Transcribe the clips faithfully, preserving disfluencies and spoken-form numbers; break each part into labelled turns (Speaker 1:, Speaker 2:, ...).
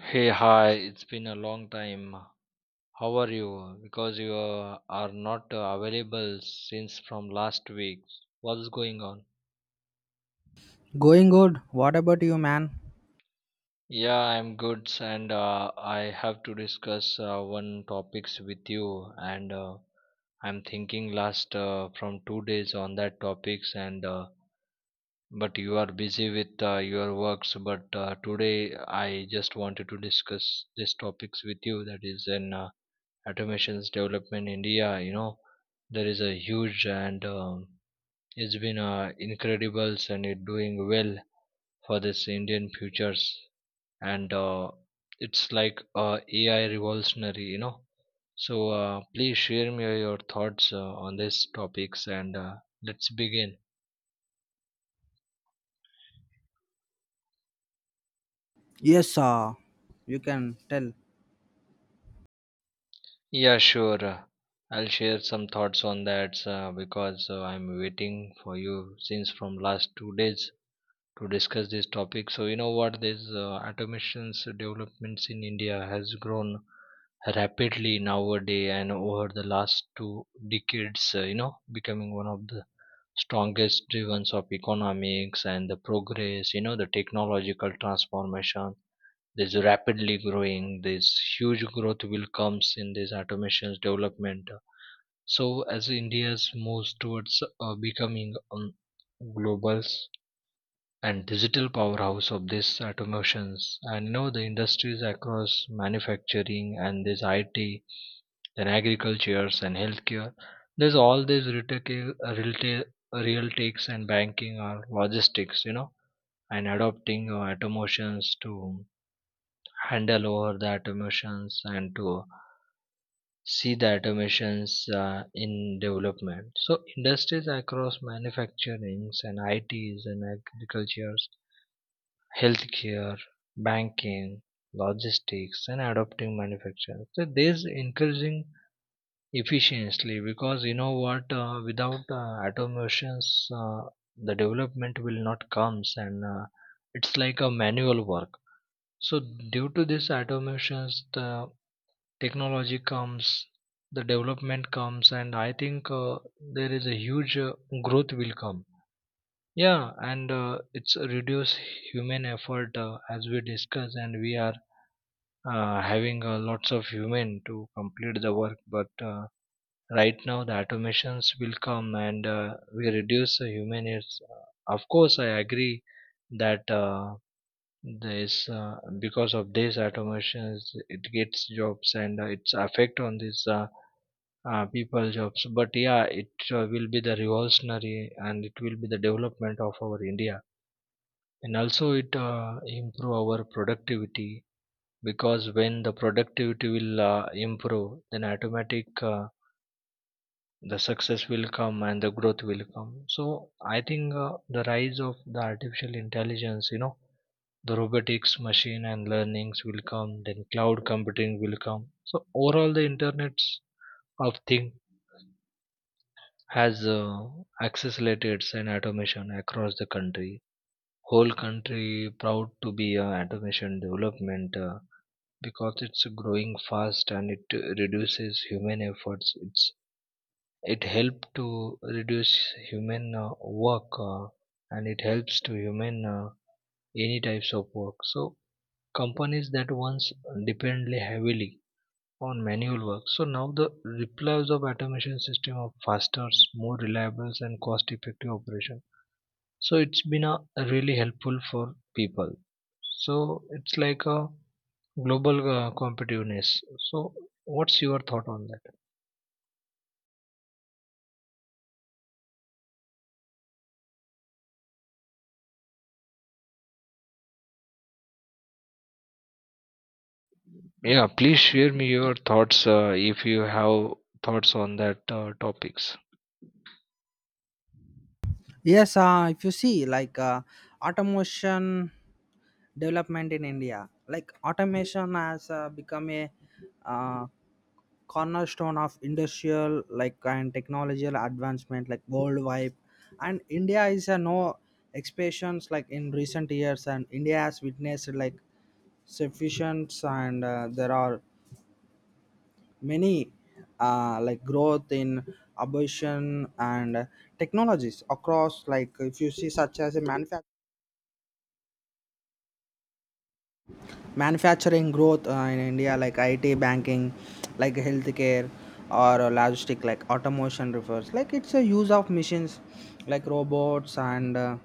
Speaker 1: Hey, hi, it's been a long time. How are you? Because you uh, are not uh, available since from last week. What's going on?
Speaker 2: Going good. What about you, man?
Speaker 1: Yeah, I'm good, s- and uh, I have to discuss uh, one topics with you, and uh, I'm thinking last uh, from two days on that topics, and uh, but you are busy with uh, your works. But uh, Today I just wanted to discuss this topics with you. That is an uh, automations development in India, you know, there is a huge and um, it's been uh, incredible and it doing well for this Indian futures and uh, it's like uh, A I revolutionary, you know. So uh, please share me your thoughts uh, on these topics and uh, let's begin.
Speaker 2: Yes, uh, you can tell.
Speaker 1: Yeah, sure. uh, I'll share some thoughts on that uh, because uh, I'm waiting for you since from last two days. to discuss this topic. So you know what? This uh, automation's developments in India has grown rapidly nowadays, and over the last two decades, uh, you know, becoming one of the strongest drivers of economics and the progress. You know, the technological transformation is rapidly growing. This huge growth will comes in this automation's development. So as India's moves towards uh, becoming um, global and digital powerhouse of this automations, and you know the industries across manufacturing and this I T, then agricultures and healthcare, there's all these retail retail real takes and banking or logistics, you know, and adopting uh, automations to handle over the automations and to see the automations uh, in development. So industries across manufacturing and I Ts and agriculture, healthcare, banking, logistics, and adopting manufacturing. So this encouraging efficiently, because you know what, uh, without uh, automations, uh, the development will not comes, and uh, it's like a manual work. So due to this automations, the technology comes, the development comes, and I think uh, there is a huge uh, growth will come, yeah, and uh, it's a reduce human effort uh, as we discuss, and we are uh, having uh, lots of human to complete the work. But uh, right now, the automations will come, and uh, we reduce the human. It's, uh, of course I agree that uh, this uh, because of these automations, it gets jobs and uh, its effect on these uh, uh, people jobs. But yeah, it uh, will be the revolutionary, and it will be the development of our India, and also it uh, improve our productivity, because when the productivity will uh, improve, then automatic uh, the success will come and the growth will come. So I think uh, the rise of the artificial intelligence, you know, the robotics machine and learnings will come, then cloud computing will come. So overall, the internet of thing has uh, accelerated an automation across the country, whole country, proud to be a automation development uh, because it's growing fast and it reduces human efforts. It's it helps to reduce human uh, work, uh, and it helps to human uh, any types of work. So companies that once depended heavily on manual work, so now the replies of automation system of faster, more reliable and cost effective operation. So it's been a really helpful for people. So it's like a global uh, competitiveness. So, what's your thought on that? Yeah, please share me your thoughts uh, if you have thoughts on that uh, topics.
Speaker 2: Yes, uh, if you see like uh, automation development in India, like automation has uh, become a uh, cornerstone of industrial like and technological advancement like worldwide, and India is a no exceptions. Like in recent years, and India has witnessed like sufficient and uh, there are many uh, like growth in abortion and technologies across like if you see such as a manufa- manufacturing growth uh, in India like it banking like healthcare or uh, logistic like automation refers like it's a use of machines like robots and uh,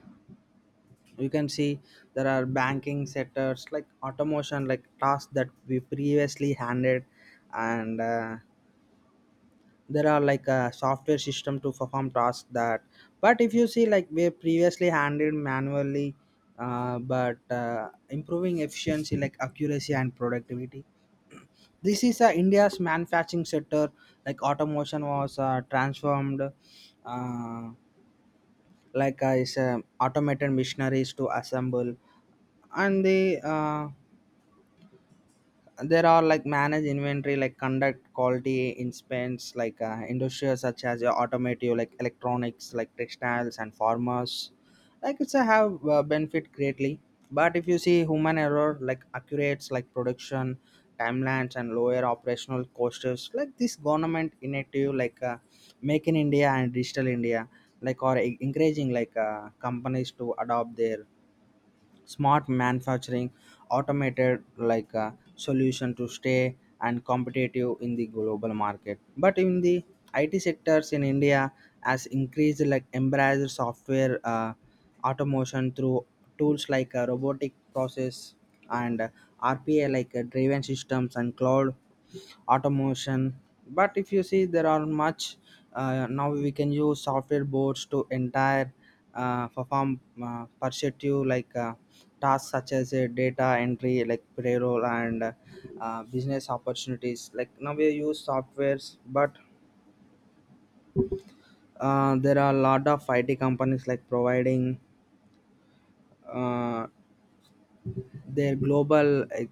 Speaker 2: you can see there are banking sectors like automation like tasks that we previously handed and uh, there are like a software system to perform tasks that but if you see like we previously handled manually uh, but uh, improving efficiency like accuracy and productivity. This is uh, India's manufacturing sector like automation was uh, transformed uh, like uh, is, uh, automated machineries to assemble and the uh, there are like manage inventory like conduct quality inspections like uh, industrials such as your automotive like electronics like textiles and farmers like it's a have uh, benefit greatly. But if you see human error like accurates like production timelines and lower operational costs like this government initiative like uh, make in India and digital India like are e-, encouraging like uh, companies to adopt their smart manufacturing automated like a solution to stay and competitive in the global market. But in the IT sectors in India has increased like embrace software uh, automation through tools like uh, robotic process and uh, RPA like uh, driven systems and cloud automation. But if you see there are much uh, now we can use software boards to entire uh, perform uh, perspective like uh, tasks such as uh, data entry like payroll and uh, business opportunities like now we use softwares. But uh, there are a lot of I T companies like providing uh, their global like,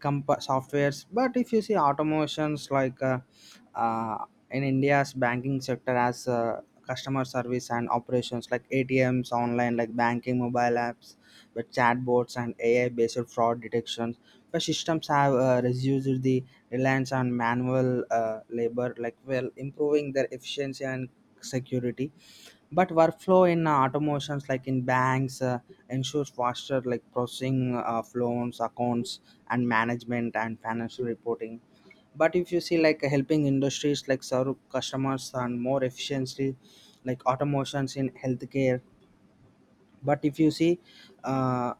Speaker 2: comp- softwares. But if you see automations like uh, uh, in India's banking sector as uh, customer service and operations like ATMs online like banking mobile apps with chatbots and AI based fraud detection. The systems have uh, reduced the reliance on manual uh, labor like well improving their efficiency and security. But workflow in uh, automations like in banks uh, ensures faster like processing of loans accounts and management and financial reporting. But if you see like helping industries like serve customers and more efficiently like automations in healthcare. But if you see uh,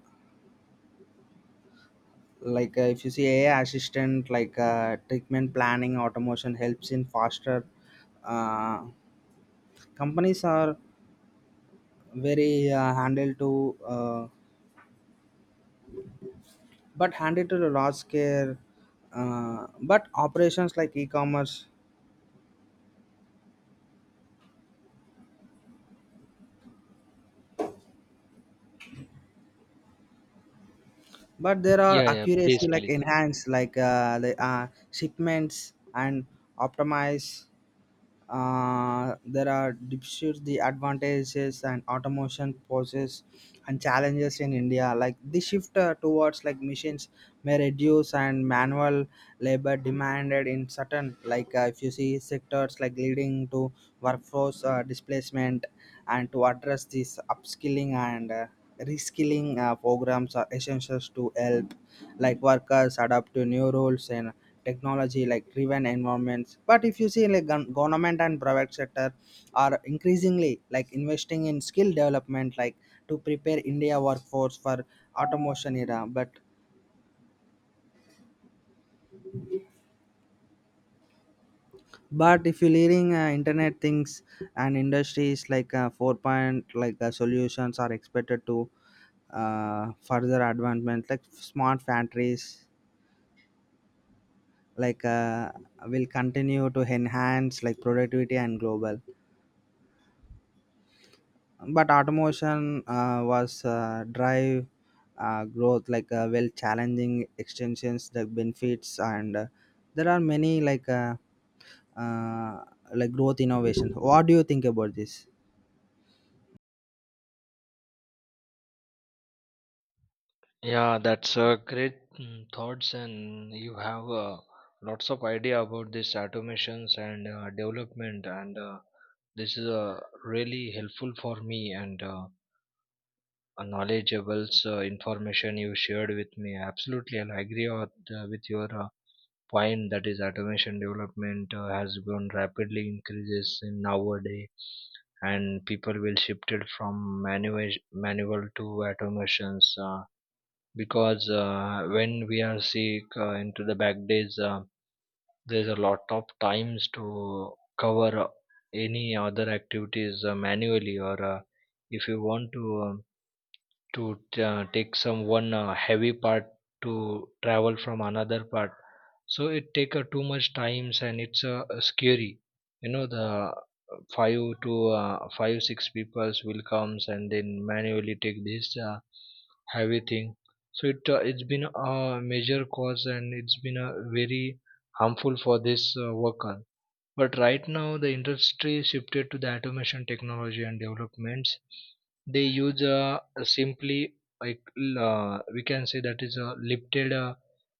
Speaker 2: like uh, if you see AI assistant like uh, treatment planning automation helps in faster uh, companies are very uh, handled to uh, but handled to the large scale uh, but operations like e-commerce. But there are
Speaker 1: Yeah, yeah, please,
Speaker 2: accuracy like
Speaker 1: please.
Speaker 2: enhanced like uh, the uh, shipments and optimize uh, there are disputes the advantages and automation poses and challenges in India like this shift uh, towards like machines may reduce and manual labor demanded in certain like uh, if you see sectors like leading to workforce uh, displacement. And to address this upskilling and uh, reskilling uh, programs are essential to help like workers adapt to new roles and technology like driven environments. But if you see like gon- government and private sector are increasingly like investing in skill development like to prepare India workforce for automation era. But but if you're leading uh, internet things and industries like uh, four point like uh, solutions are expected to uh, further advancement like smart factories like uh, will continue to enhance like productivity and global. But automation uh, was uh, drive uh, growth like uh, well challenging extensions the benefits and uh, there are many like uh, uh, like growth innovation. What do you think about this?
Speaker 1: Yeah, that's uh, great mm, thoughts, and you have uh, lots of idea about this automations and uh, development, and uh, this is uh, really helpful for me, and uh, a knowledgeable uh, information you shared with me. Absolutely, I'll agree with, uh, with your uh, point, that is automation development uh, has grown rapidly increases in nowadays, and people will shifted from manual manual to automations, uh, because uh, when we are sick uh, into the back days, uh, there's a lot of times to cover uh, any other activities uh, manually, or uh, if you want to um, to uh, take some one uh, heavy part to travel from another part. So it take uh, too much times, and it's uh, scary, you know, the five to uh, five six peoples will comes and then manually take this uh, heavy thing. So it uh, it's been a major cause, and it's been a very harmful for this uh, worker. But right now, the industry shifted to the automation technology and developments. They use uh, simply, like l- uh, we can say that is a lifted uh,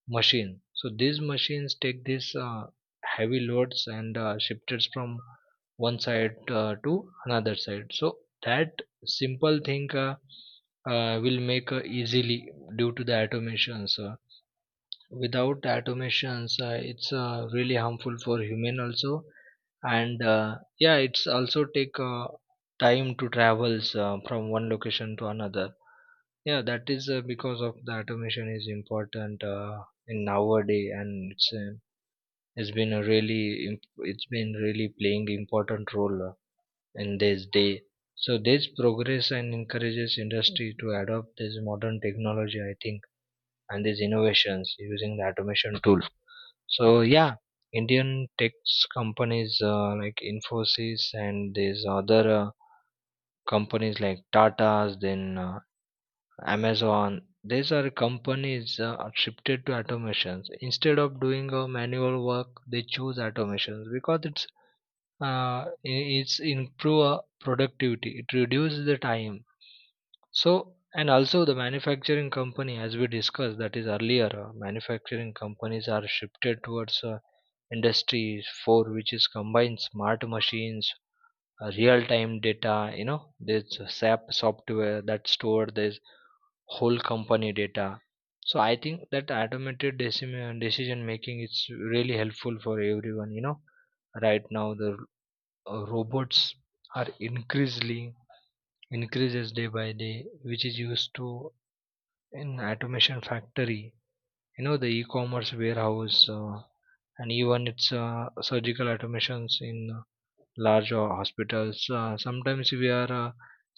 Speaker 1: machine. So these machines take these uh, heavy loads and uh, shifters from one side uh, to another side. So that simple thing uh, uh, will make uh, easily due to the automations. Uh, without automations, uh, it's uh, really harmful for human also, and uh, yeah, it's also take uh, time to travels uh, from one location to another. Yeah, that is uh, because of the automation is important uh, in nowadays, and it's, uh, it's been a really imp- it's been really playing important role uh, in this day. So this progress and encourages industry to adopt this modern technology, I think, and these innovations using the automation tool. So yeah, Indian tech companies uh, like Infosys and these other uh, companies like Tata's, then uh, Amazon. These are companies uh, are shifted to automations. Instead of doing uh, manual work, they choose automations because it's uh, i- it's improve uh, productivity. It reduces the time. So, and also the manufacturing company, as we discussed that is earlier, uh, manufacturing companies are shifted towards uh, industries, for which is combined smart machines, uh, real-time data, you know, this uh, SAP software that store this whole company data. So I think that automated decim- decision making is really helpful for everyone, you know. Right now the uh, robots are increasingly increases day by day, which is used to in automation factory, you know, the e-commerce warehouse, uh, and even its uh, surgical automations in uh, large uh, hospitals. Uh, sometimes we are uh,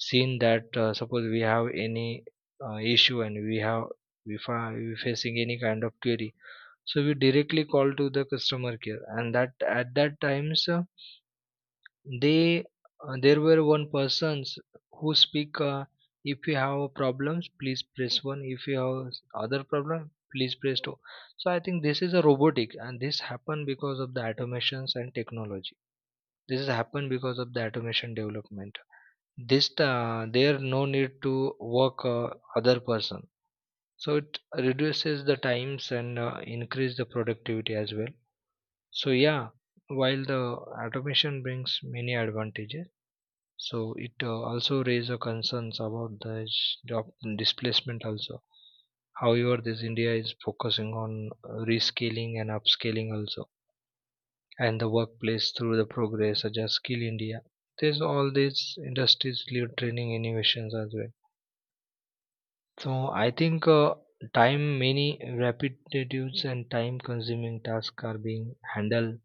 Speaker 1: seeing that uh, suppose we have any uh, issue, and we have we fa- we facing any kind of query. So we directly call to the customer care, and that at that times, uh, they, uh, there were one persons who speak. Uh, if you have problems, please press one. If you have other problem, please press two. So I think this is a robotic, and this happened because of the automations and technology. This has happened because of the automation development. This uh, there no need to work uh, other person. So it reduces the times, and uh, increase the productivity as well. So yeah, while the automation brings many advantages, so it uh, also raise a concerns about the sh- job displacement also. However, this India is focusing on uh, rescaling and upscaling also, and the workplace through the progress such as Skill India. There's all these industries lead training innovations as well. So I think uh, time many repetitive and time consuming tasks are being handled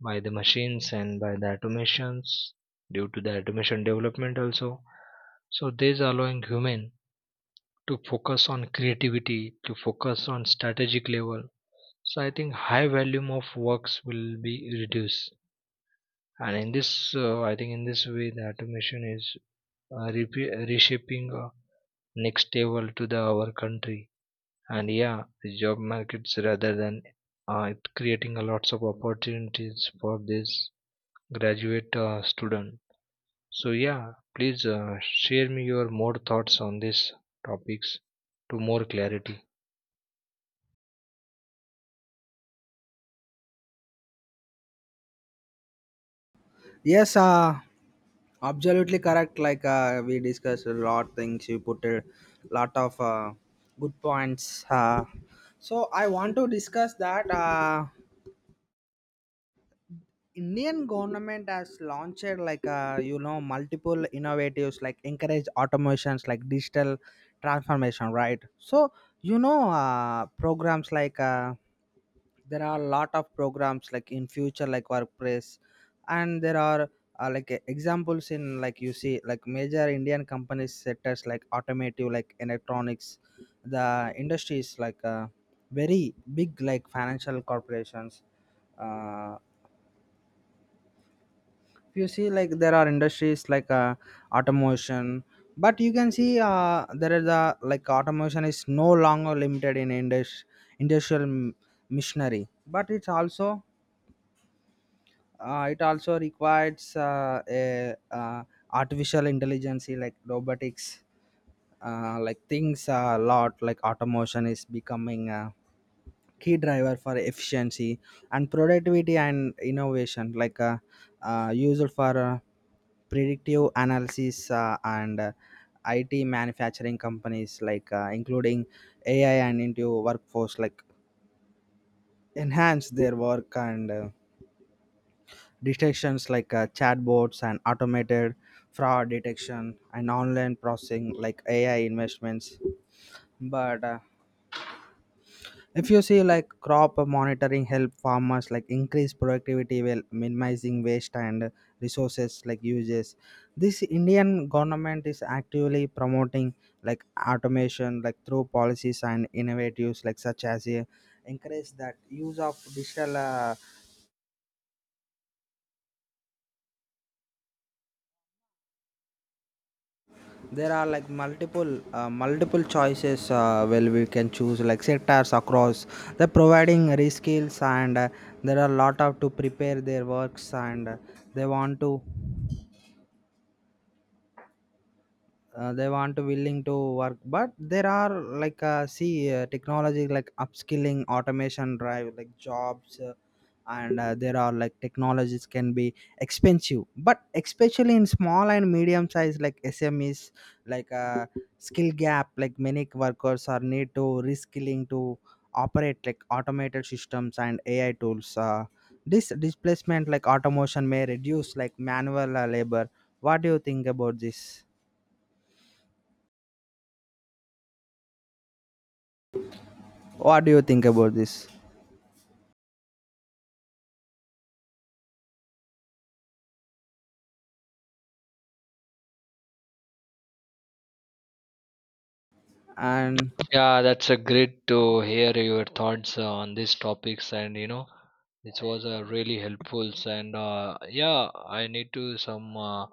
Speaker 1: by the machines and by the automations, due to the automation development also. So this allowing human to focus on creativity, to focus on strategic level. So I think high volume of works will be reduced, and in this uh, I think, in this way, the automation is uh, repe- reshaping uh, next level to the our country. And yeah, the job markets rather than uh, it creating a lots of opportunities for this graduate uh, student. So yeah, please uh, share me your more thoughts on these topics, to more clarity.
Speaker 2: yes uh, Absolutely correct. Like uh, we discussed a lot things. You put a lot of uh, good points, uh, so I want to discuss that uh, Indian government has launched like uh, you know multiple innovatives like encourage automations like digital transformation, right? So you know uh, programs like uh, there are a lot of programs like in future like workplace. And there are uh, like uh, examples in like you see like major Indian companies sectors like automotive like electronics, the industries like uh, very big like financial corporations. uh, you see like there are industries like uh, automation. But you can see uh, there is a like automation is no longer limited in indus- industrial m- machinery, but it's also uh, it also requires uh, a uh, artificial intelligence like robotics uh, like things a lot like automation is becoming a key driver for efficiency and productivity and innovation like uh, uh, used for uh, predictive analysis uh, and uh, I T manufacturing companies like uh, including A I and into workforce like enhance their work and uh, detections like uh, chatbots and automated fraud detection and online processing like A I investments. But uh, if you see like crop monitoring help farmers like increase productivity while minimizing waste and resources like uses. This Indian government is actively promoting like automation like through policies and innovatives like such as a encourage that use of digital uh, there are like multiple uh, multiple choices uh, well we can choose like sectors across the providing reskills and uh, there are a lot of to prepare their works and uh, they want to uh, they want to willing to work. But there are like uh, see uh, technology like upskilling automation drive like jobs, uh, and uh, there are like technologies can be expensive but especially in small and medium size like SMEs like uh, skill gap like many workers are need to reskilling to operate like automated systems and AI tools. Uh, this displacement like automation may reduce like manual uh, labor. What do you think about this? what do you think about this and
Speaker 1: Yeah, that's a great to hear your thoughts uh, on these topics, and you know, it was uh, really helpful. And uh, yeah, I need to some uh,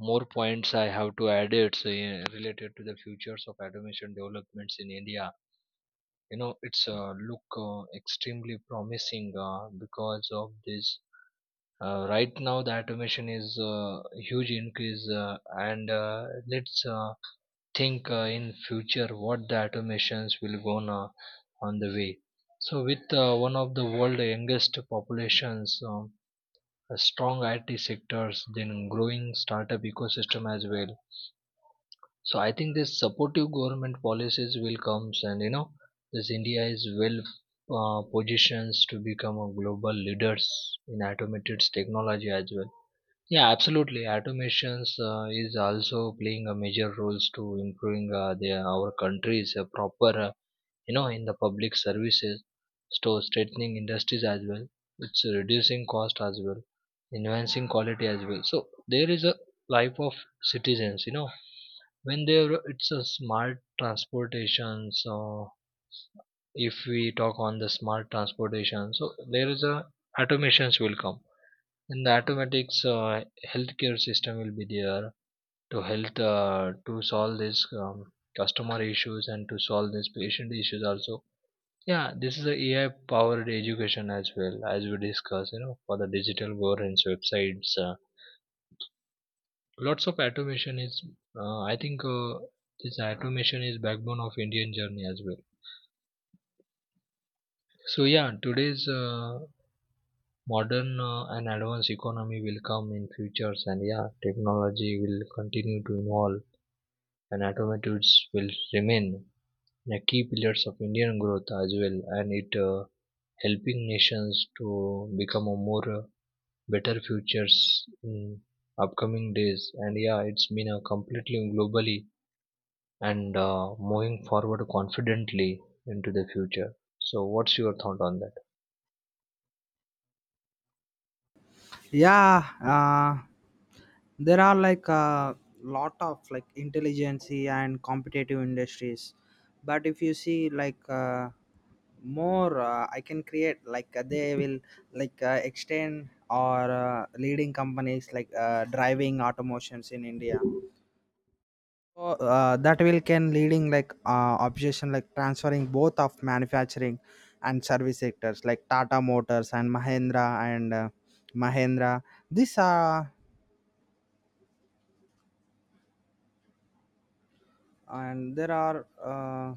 Speaker 1: more points I have to add it, so, yeah, related to the futures of automation developments in India. You know, it's uh, look uh, extremely promising uh, because of this uh, Right now, the automation is uh, huge increase, uh, and uh, let's uh, think uh, in future what the automations will go on, uh, on the way. So with uh, one of the world youngest populations, um, a strong I T sectors, then growing startup ecosystem as well. So I think this supportive government policies will comes, and you know, this India is well uh, positions to become a global leaders in automated technology as well. Yeah, absolutely. Automations uh, is also playing a major roles to improving uh, the, our country's uh, proper, uh, you know, in the public services, so strengthening industries as well. It's reducing cost as well, enhancing quality as well. So there is a life of citizens, you know, when there it's a smart transportation. So if we talk on the smart transportation, so there is a automations will come. In the automatics, uh, healthcare system will be there to health, uh, to solve this um, customer issues and to solve this patient issues also. Yeah, this is a AI powered education as well, as we discuss, you know, for the digital governance websites. Uh, lots of automation is, uh, i think uh, this automation is backbone of Indian journey as well. So yeah, today's uh, modern uh, and advanced economy will come in futures. And yeah, technology will continue to evolve, and automatives will remain, yeah, key pillars of Indian growth as well, and it uh, helping nations to become a more uh, better futures in upcoming days. And yeah, it's been a completely globally and uh, moving forward confidently into the future. So, what's your thought on that?
Speaker 2: yeah, uh, there are like a lot of like intelligency and competitive industries. But if you see like uh, more uh, I can create like uh, they will like uh, extend or uh, leading companies like uh, driving automations in India. So, uh, that will can leading like uh, obsession like transferring both of manufacturing and service sectors like Tata Motors and Mahindra and uh, Mahindra. These are and there are uh,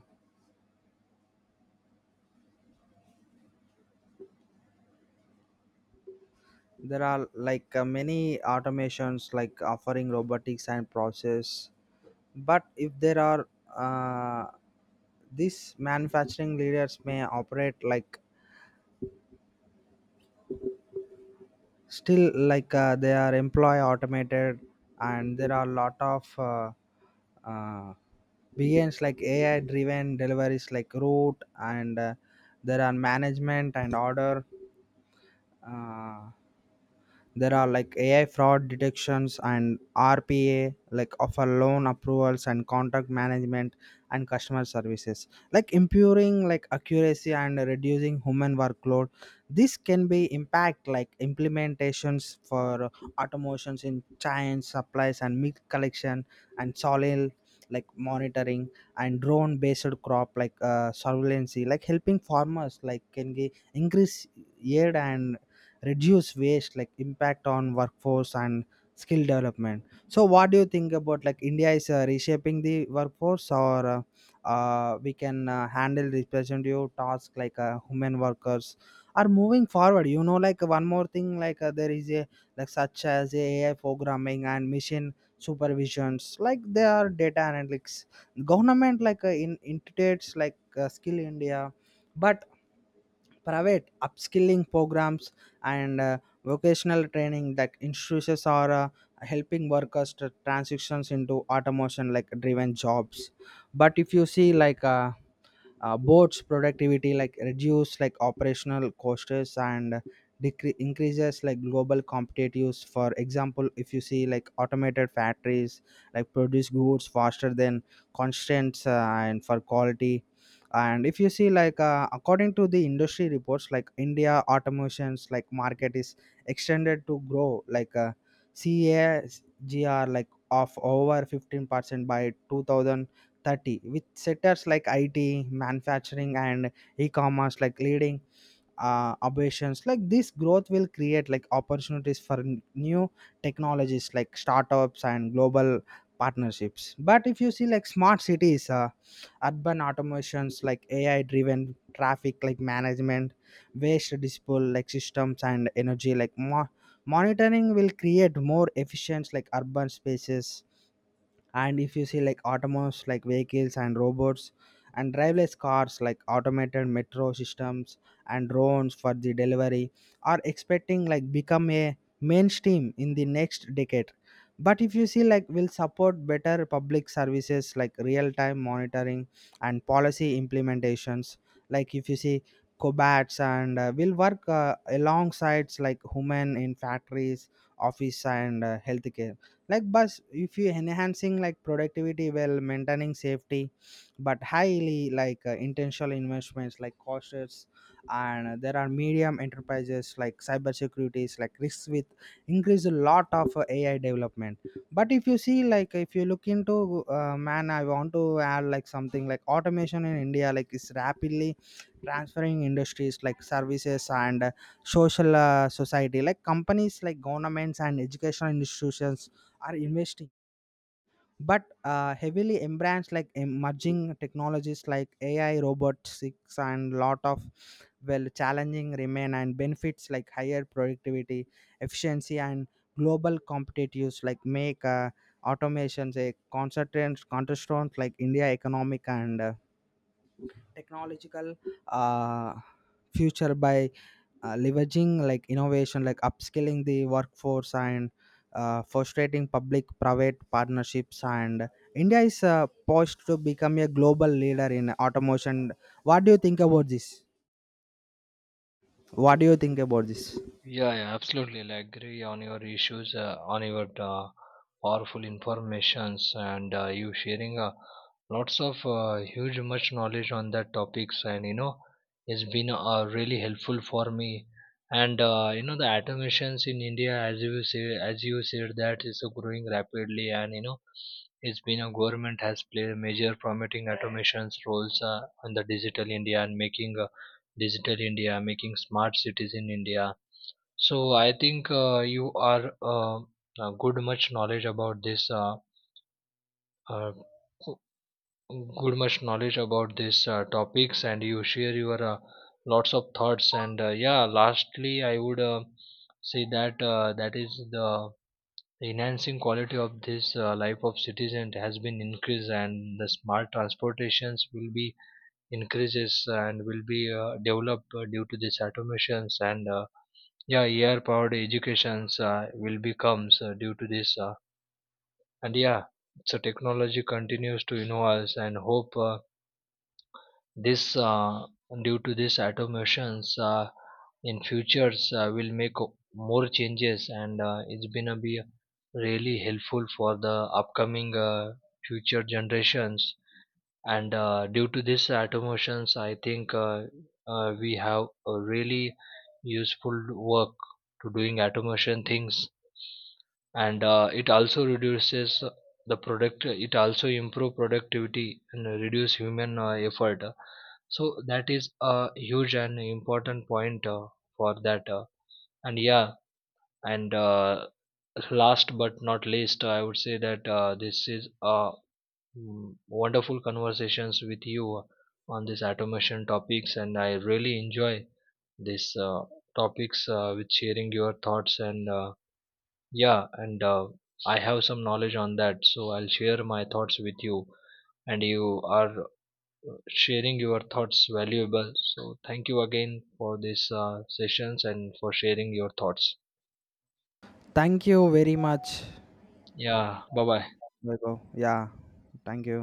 Speaker 2: there are like uh, many automations like offering robotics and process. But if there are uh, these manufacturing leaders may operate like still like uh, they are employee automated and there are a lot of uh, uh, begins like AI driven deliveries like route and uh, there are management and order uh, there are like AI fraud detections and RPA like offer loan approvals and contract management and customer services like improving like accuracy and reducing human workload. This can be impact like implementations for automations in giant supplies and milk collection and soil like monitoring and drone based crop like uh, surveillance like helping farmers like can ge- increase yield and reduce waste like impact on workforce and skill development. So what do you think about like India is uh, reshaping the workforce or uh, uh, we can uh, handle representative tasks like uh, human workers are moving forward, you know, like one more thing like uh, there is a like such as AI programming and machine supervisions like they are data analytics. Government like uh, in integrates like uh, Skill India but private upskilling programs and uh, vocational training that institutions are uh, helping workers to transitions into automation like driven jobs. But if you see like uh, uh, boards productivity like reduce like operational costs and decrease increases like global competitiveness. For example, if you see like automated factories like produce goods faster than constraints uh, and for quality. And if you see like uh, according to the industry reports like India automations like market is extended to grow like uh, C A G R like of over fifteen percent by 2000 30 with sectors like I T, manufacturing, and e-commerce like leading uh, aberrations. Like this growth will create like opportunities for n- new technologies like startups and global partnerships. But if you see like smart cities, uh, urban automations like A I-driven traffic like management, waste disposal like systems and energy like more monitoring will create more efficient like urban spaces. And if you see like autonomous like vehicles and robots and driverless cars like automated metro systems and drones for the delivery are expecting like become a mainstream in the next decade. But if you see like will support better public services like real time monitoring and policy implementations like if you see cobats and uh, will work uh, alongside like human in factories office and uh, healthcare like bus if you enhancing like productivity while maintaining safety. But highly like uh, intentional investments like cautious and there are medium enterprises like cyber securities like risks with increase a lot of uh, AI development. But if you see like if you look into uh, man, I want to add like something like automation in India like is rapidly transferring industries like services and uh, social uh, society like companies like governments and educational institutions are investing but uh, heavily embrace like emerging technologies like AI robotics and lot of well challenging remain and benefits like higher productivity efficiency and global competitiveness like make uh, automations a concentrant counterstrong like India economic and uh, technological uh, future by uh, leveraging like innovation like upskilling the workforce and uh, frustrating public private partnerships and India is uh, poised to become a global leader in automation. What do you think about this? what do you think about this
Speaker 1: Yeah, yeah, absolutely. I agree on your issues, uh, on your uh, powerful informations, and uh, you sharing uh, lots of uh, huge much knowledge on that topics, and you know, it's been uh, really helpful for me. And uh, you know, the automations in India, as you say, as you said, that is uh, growing rapidly, and you know, it's been a government has played a major promoting automations roles uh, on the digital India, and making uh, digital India, making smart cities in India. So I think uh, you are uh, uh, good much knowledge about this uh, uh, go- good much knowledge about this uh, topics, and you share your uh, lots of thoughts. And uh, yeah, lastly I would uh, say that uh, that is the enhancing quality of this uh, life of citizen has been increased, and the smart transportations will be increases and will be uh, developed uh, due to these automations, and uh, yeah, A I powered educations uh, will becomes uh, due to this uh, And yeah, so technology continues to innovate, and hope uh, this uh, due to this automations uh, in futures uh, will make o- more changes, and uh, it's gonna be really helpful for the upcoming uh, future generations. And uh, due to this automations, I think, uh, uh, we have a really useful work to doing automation things, and uh, it also reduces the product, it also improve productivity and reduce human uh, effort. So that is a huge and important point, uh, for that. Uh, and yeah and uh, last but not least, I would say that uh, this is uh, Mm, wonderful conversations with you on these automation topics, and I really enjoy these uh, topics uh, with sharing your thoughts, and uh, yeah, and uh, I have some knowledge on that, so I'll share my thoughts with you. And you are uh, sharing your thoughts valuable, so thank you again for these uh, sessions and for sharing your thoughts.
Speaker 2: Thank you very much,
Speaker 1: Yeah, bye bye.
Speaker 2: Vaibhav. Yeah, thank you.